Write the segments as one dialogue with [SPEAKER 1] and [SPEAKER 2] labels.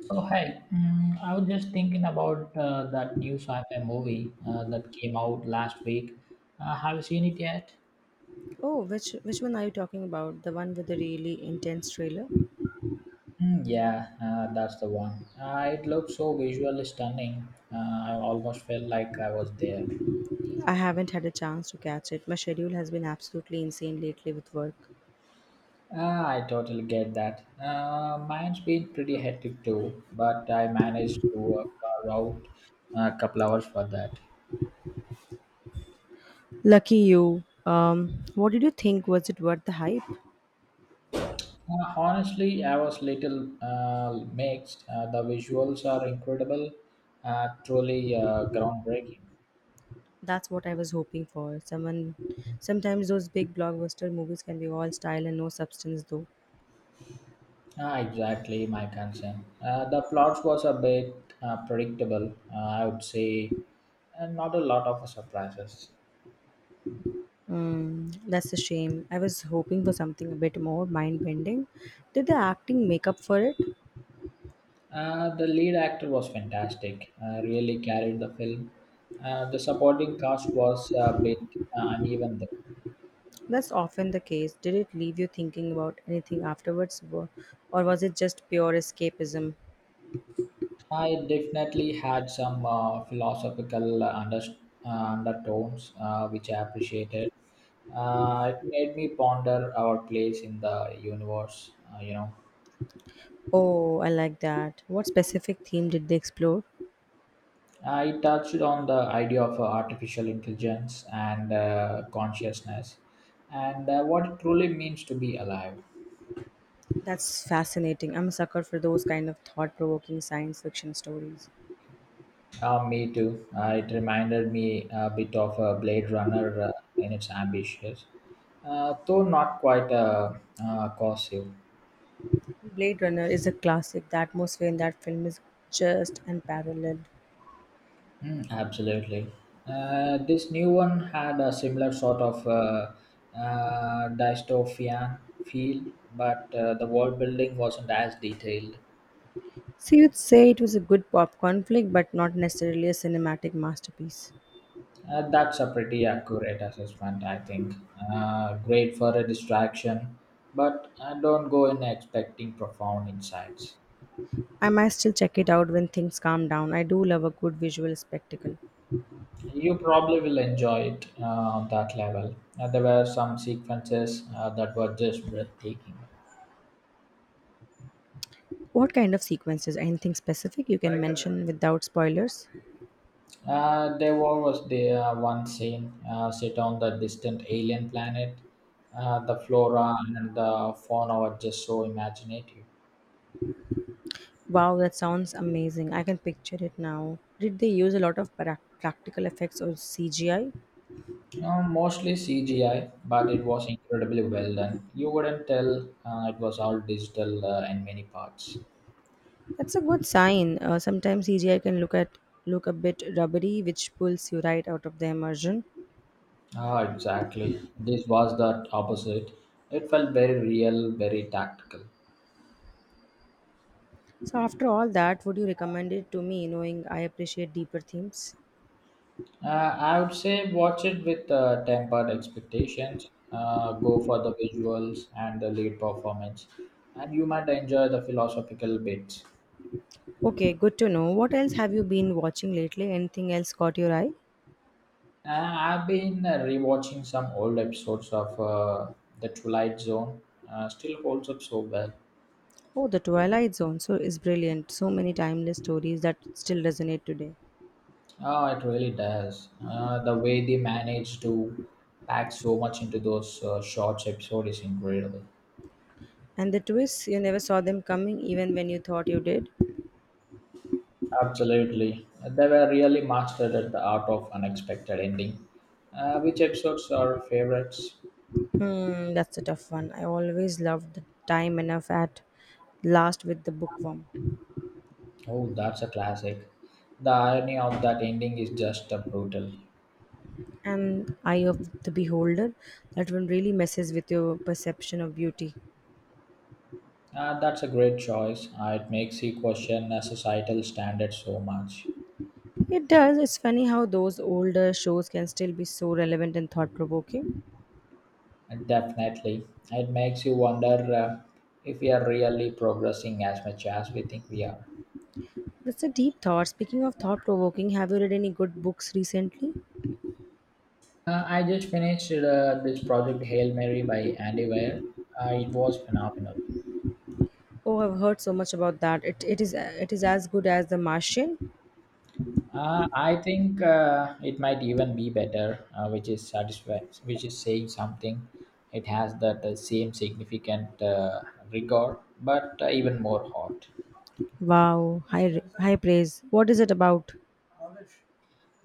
[SPEAKER 1] So hi, I was just thinking about that new sci-fi movie that came out last week. Have you seen it yet?
[SPEAKER 2] Oh, which one are you talking about? The one with the really intense trailer?
[SPEAKER 1] Mm, yeah, that's the one. It looked so visually stunning. I almost felt like I was there.
[SPEAKER 2] I haven't had a chance to catch it. My schedule has been absolutely insane lately with work.
[SPEAKER 1] Ah, I totally get that. Mine's been pretty hectic too, but I managed to carve out a couple hours for that.
[SPEAKER 2] Lucky you. What did you think? Was it worth the hype?
[SPEAKER 1] Honestly, I was little mixed. The visuals are incredible, truly groundbreaking.
[SPEAKER 2] That's what I was hoping for. Sometimes those big blockbuster movies can be all style and no substance, though.
[SPEAKER 1] Ah, exactly my concern. The plot was a bit predictable, I would say, and not a lot of surprises.
[SPEAKER 2] Mm, that's a shame. I was hoping for something a bit more mind bending. Did the acting make up for it?
[SPEAKER 1] The lead actor was fantastic, really carried the film. The supporting cast was a bit uneven.
[SPEAKER 2] That's often the case. Did it leave you thinking about anything afterwards, or was it just pure escapism?
[SPEAKER 1] I definitely had some philosophical undertones, which I appreciated. It made me ponder our place in the universe.
[SPEAKER 2] Oh, I like that. What specific theme did they explore?
[SPEAKER 1] I touched on the idea of artificial intelligence and consciousness, and what it truly means to be alive.
[SPEAKER 2] That's fascinating. I'm a sucker for those kind of thought provoking science fiction stories.
[SPEAKER 1] Me too. It reminded me a bit of Blade Runner in its ambitions, though not quite cohesive.
[SPEAKER 2] Blade Runner is a classic. The atmosphere in that film is just unparalleled.
[SPEAKER 1] Mm, absolutely. This new one had a similar sort of dystopian feel, but the world building wasn't as detailed.
[SPEAKER 2] So you'd say it was a good popcorn flick, but not necessarily a cinematic masterpiece.
[SPEAKER 1] That's a pretty accurate assessment, I think. Great for a distraction, but don't go in expecting profound insights.
[SPEAKER 2] I might still check it out when things calm down. I do love a good visual spectacle.
[SPEAKER 1] You probably will enjoy it on that level. There were some sequences that were just breathtaking.
[SPEAKER 2] What kind of sequences? Anything specific you can mention without spoilers?
[SPEAKER 1] There was the one scene set on the distant alien planet. The flora and the fauna were just so imaginative.
[SPEAKER 2] Wow, that sounds amazing. I can picture it now. Did they use a lot of practical effects or CGI?
[SPEAKER 1] Mostly CGI, but it was incredibly well done. You wouldn't tell it was all digital in many parts.
[SPEAKER 2] That's a good sign. Sometimes CGI can look a bit rubbery, which pulls you right out of the immersion.
[SPEAKER 1] Ah, exactly. This was the opposite. It felt very real, very tactical.
[SPEAKER 2] So after all that, would you recommend it to me, knowing I appreciate deeper themes?
[SPEAKER 1] I would say watch it with tempered expectations. Go for the visuals and the lead performance, and you might enjoy the philosophical bits.
[SPEAKER 2] Okay, good to know. What else have you been watching lately? Anything else caught your eye?
[SPEAKER 1] I've been rewatching some old episodes of The Twilight Zone. Still holds up so well.
[SPEAKER 2] Oh, The Twilight Zone so is brilliant. So many timeless stories that still resonate today.
[SPEAKER 1] Oh, it really does. The way they manage to pack so much into those short episodes is incredible.
[SPEAKER 2] And the twists, you never saw them coming even when you thought you did.
[SPEAKER 1] Absolutely. They were really mastered at the art of unexpected ending. Which episodes are favorites?
[SPEAKER 2] Hmm, that's a tough one. I always loved The Time Enough at Last with the bookworm.
[SPEAKER 1] Oh, that's a classic. The irony of that ending is just brutal.
[SPEAKER 2] And Eye of the Beholder, that one really messes with your perception of beauty.
[SPEAKER 1] That's a great choice. It makes you question societal standards so much.
[SPEAKER 2] It does. It's funny how those older shows can still be so relevant and thought provoking.
[SPEAKER 1] Definitely. It makes you wonder if we are really progressing as much as we think we are.
[SPEAKER 2] That's a deep thought. Speaking of thought provoking, have you read any good books recently?
[SPEAKER 1] I just finished this project Hail Mary by Andy Weir. It was phenomenal.
[SPEAKER 2] Oh, I've heard so much about that. It is as good as The Martian.
[SPEAKER 1] I think it might even be better, which is saying something. It has that same significant rigor, but even more hot.
[SPEAKER 2] Wow, high praise. What is it about?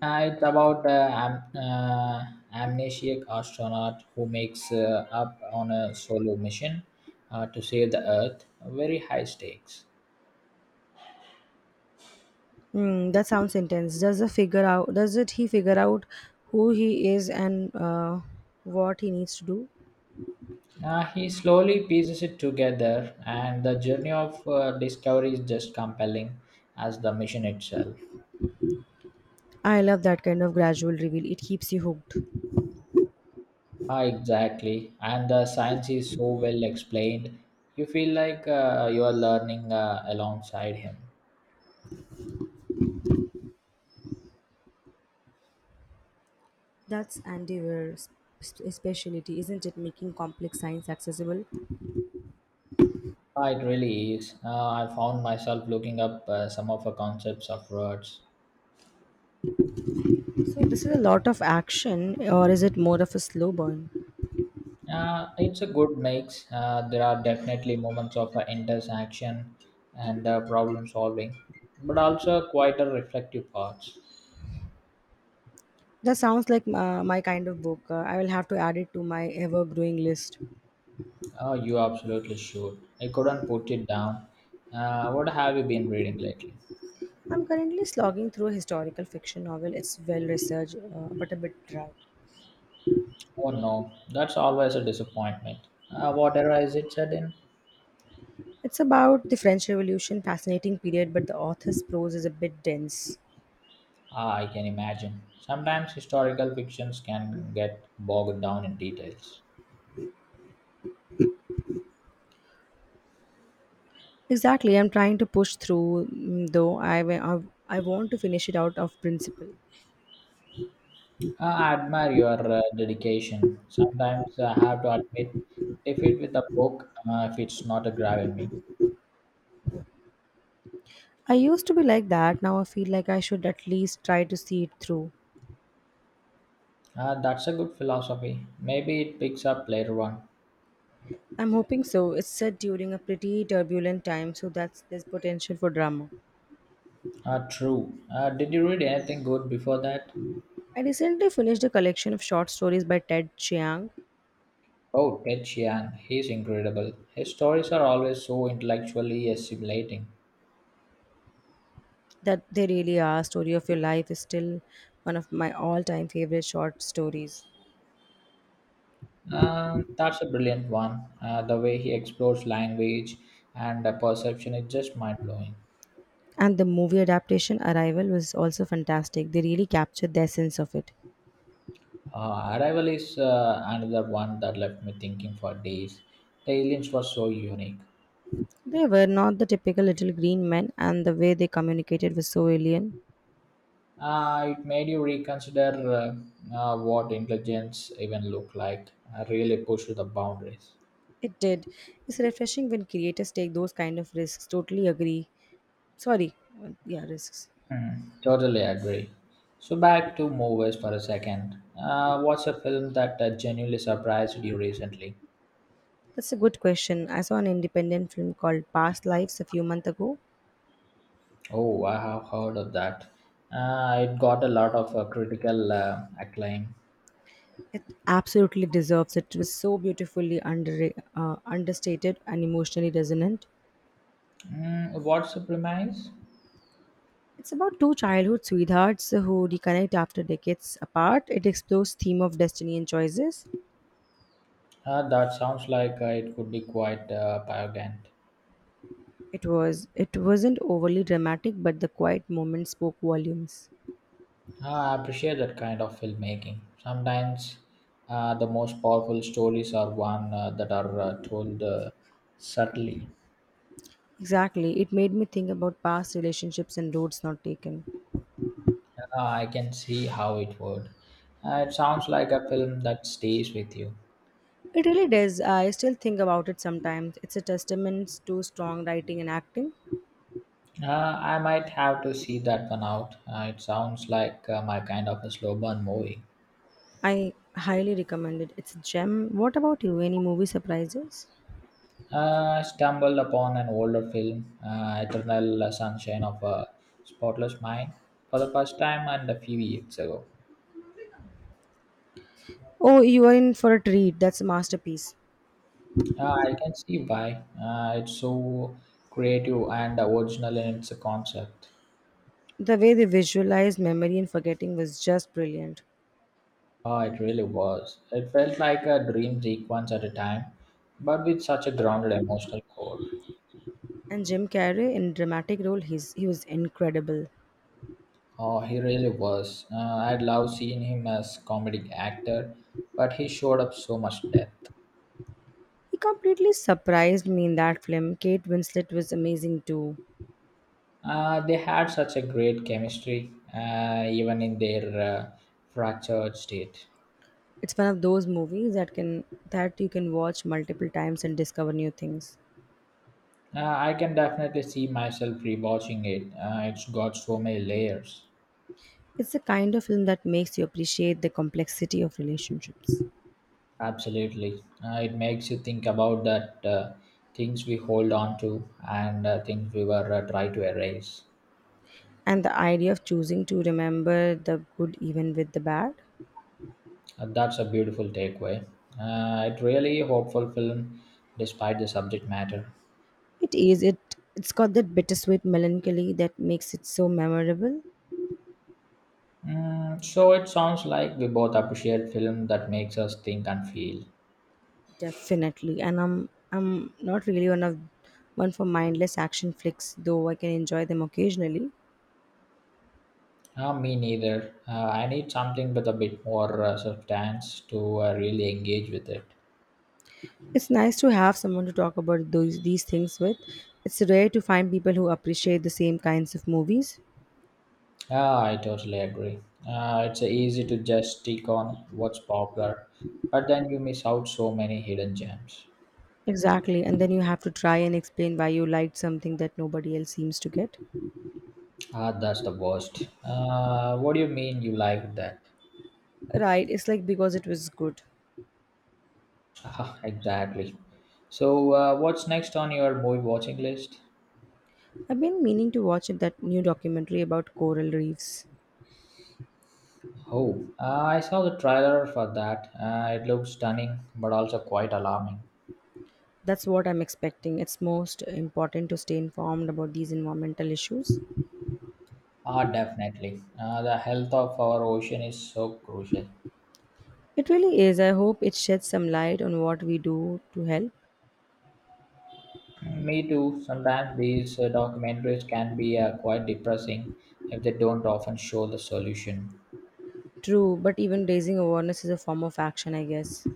[SPEAKER 1] It's about amnesiac astronaut who makes up on a solo mission to save the Earth. Very high stakes.
[SPEAKER 2] Hmm, that sounds intense. Does the figure out? Does it he figure out who he is and what he needs to do?
[SPEAKER 1] He slowly pieces it together, and the journey of discovery is just compelling as the mission itself.
[SPEAKER 2] I love that kind of gradual reveal. It keeps you hooked.
[SPEAKER 1] Ah, exactly. And the science is so well explained. You feel like you are learning alongside him.
[SPEAKER 2] That's Andy Weir's specialty, isn't it? Making complex science accessible.
[SPEAKER 1] Ah, it really is. I found myself looking up some of the concepts of words.
[SPEAKER 2] So this is a lot of action, or is it more of a slow burn?
[SPEAKER 1] It's a good mix. There are definitely moments of intense and problem solving, but also quite a reflective parts.
[SPEAKER 2] That sounds like my kind of book. I will have to add it to my ever growing list.
[SPEAKER 1] You absolutely should. I couldn't put it down. What have you been reading lately?
[SPEAKER 2] I'm currently slogging through a historical fiction novel. It's well researched, but a bit dry.
[SPEAKER 1] Oh no, that's always a disappointment. What era is it set in?
[SPEAKER 2] It's about the French Revolution, fascinating period, but the author's prose is a bit dense.
[SPEAKER 1] Ah, I can imagine. Sometimes historical fictions can get bogged down in details.
[SPEAKER 2] Exactly, I'm trying to push through, though I want to finish it out of principle.
[SPEAKER 1] I admire your dedication. Sometimes I have to admit defeat with a book if it's not grabbing me.
[SPEAKER 2] I used to be like that. Now I feel like I should at least try to see it through.
[SPEAKER 1] That's a good philosophy. Maybe it picks up later on.
[SPEAKER 2] I'm hoping so. It's set during a pretty turbulent time, so that's there's potential for drama.
[SPEAKER 1] True. Did you read anything good before that?
[SPEAKER 2] I recently finished a collection of short stories by Ted Chiang.
[SPEAKER 1] Oh, Ted Chiang. He's incredible. His stories are always so intellectually assimilating.
[SPEAKER 2] That they really are. Story of Your Life is still one of my all time favorite short stories.
[SPEAKER 1] That's a brilliant one. The way he explores language and perception is just mind blowing.
[SPEAKER 2] And the movie adaptation Arrival was also fantastic. They really captured the essence of it.
[SPEAKER 1] Arrival is another one that left me thinking for days. The aliens were so unique.
[SPEAKER 2] They were not the typical little green men, and the way they communicated was so alien.
[SPEAKER 1] It made you reconsider what intelligence even looked like. Really pushed the boundaries.
[SPEAKER 2] It did. It's refreshing when creators take those kind of risks. Totally agree. Sorry, yeah, risks.
[SPEAKER 1] Hmm, totally agree. So back to movies for a second. What's a film that genuinely surprised you recently?
[SPEAKER 2] That's a good question. I saw an independent film called Past Lives a few months ago.
[SPEAKER 1] Oh, I have heard of that. It got a lot of critical acclaim.
[SPEAKER 2] It absolutely deserves it. It was so beautifully understated and emotionally resonant.
[SPEAKER 1] Mm, what's the premise?
[SPEAKER 2] It's about two childhood sweethearts who reconnect after decades apart. It explores theme of destiny and choices.
[SPEAKER 1] That sounds like it could be quite arrogant.
[SPEAKER 2] It wasn't overly dramatic, but the quiet moment spoke volumes.
[SPEAKER 1] I appreciate that kind of filmmaking. Sometimes the most powerful stories are one that are told subtly.
[SPEAKER 2] Exactly, it made me think about past relationships and roads not taken.
[SPEAKER 1] Ah, I can see how it would. It sounds like a film that stays with you.
[SPEAKER 2] It really does. I still think about it sometimes. It's a testament to strong writing and acting.
[SPEAKER 1] Uh, I might have to see that one out. It sounds like my kind of a slow burn movie.
[SPEAKER 2] I highly recommend it. It's a gem. What about you? Any movie surprises?
[SPEAKER 1] I stumbled upon an older film, Eternal Sunshine of a Spotless Mind, for the first time and a few years ago.
[SPEAKER 2] Oh, you are in for a treat. That's a masterpiece.
[SPEAKER 1] I can see why. It's so creative and original in its concept.
[SPEAKER 2] The way they visualized memory and forgetting was just brilliant.
[SPEAKER 1] Oh, it really was. It felt like a dream sequence at a time, but with such a grounded emotional core.
[SPEAKER 2] And Jim Carrey in dramatic role, he was incredible.
[SPEAKER 1] Oh, he really was. I'd love seeing him as comedic actor, but he showed up so much depth.
[SPEAKER 2] He completely surprised me in that film. Kate Winslet was amazing too.
[SPEAKER 1] They had such a great chemistry, even in their fractured state.
[SPEAKER 2] It's one of those movies that can that you can watch multiple times and discover new things.
[SPEAKER 1] I can definitely see myself rewatching it. It's got so many layers.
[SPEAKER 2] It's the kind of film that makes you appreciate the complexity of relationships.
[SPEAKER 1] Absolutely, it makes you think about that things we hold on to and things we were try to erase.
[SPEAKER 2] And the idea of choosing to remember the good even with the bad,
[SPEAKER 1] That's a beautiful takeaway. It really hopeful film, despite the subject matter.
[SPEAKER 2] it is it it's got that bittersweet melancholy that makes it so memorable.
[SPEAKER 1] Mm, so it sounds like we both appreciate film that makes us think and feel.
[SPEAKER 2] Definitely, and I'm not really one for mindless action flicks, though I can enjoy them occasionally.
[SPEAKER 1] Me neither. I need something with a bit more substance to really engage with it.
[SPEAKER 2] It's nice to have someone to talk about those these things with. It's rare to find people who appreciate the same kinds of movies.
[SPEAKER 1] Yeah, I totally agree. It's easy to just stick on what's popular, but then you miss out so many hidden gems.
[SPEAKER 2] Exactly, and then you have to try and explain why you liked something that nobody else seems to get.
[SPEAKER 1] Ah, that's the worst. What do you mean you like that?
[SPEAKER 2] Right, it's like because it was good.
[SPEAKER 1] Ah, exactly. So, what's next on your movie watching list?
[SPEAKER 2] I've been meaning to watch that new documentary about coral reefs.
[SPEAKER 1] Oh, I saw the trailer for that. It looks stunning, but also quite alarming.
[SPEAKER 2] That's what I'm expecting. It's most important to stay informed about these environmental issues.
[SPEAKER 1] Ah, definitely. The health of our ocean is so crucial.
[SPEAKER 2] It really is. I hope it sheds some light on what we do to help.
[SPEAKER 1] Me too. Sometimes these documentaries can be quite depressing if they don't often show the solution.
[SPEAKER 2] True, but even raising awareness is a form of action, I guess.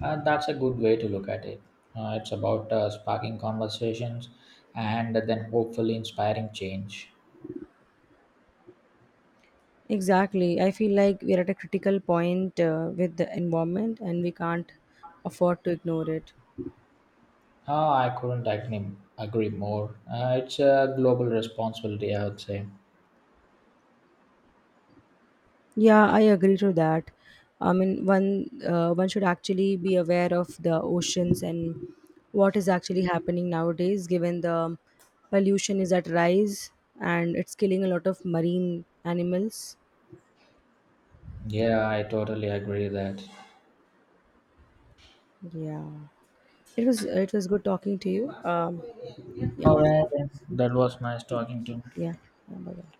[SPEAKER 1] That's a good way to look at it. It's about sparking conversations and then hopefully inspiring change.
[SPEAKER 2] Exactly. I feel like we're at a critical point with the environment and we can't afford to ignore it.
[SPEAKER 1] Ah, I couldn't agree more. It's a global responsibility, I would say.
[SPEAKER 2] Yeah, I agree to that. I mean, one should actually be aware of the oceans and what is actually happening nowadays, given the pollution is at rise and it's killing a lot of marine animals.
[SPEAKER 1] Yeah, I totally agree that.
[SPEAKER 2] Yeah, it was good talking to you. Yeah, yeah,
[SPEAKER 1] All right, that was nice talking to you.
[SPEAKER 2] yeah. Bye bye.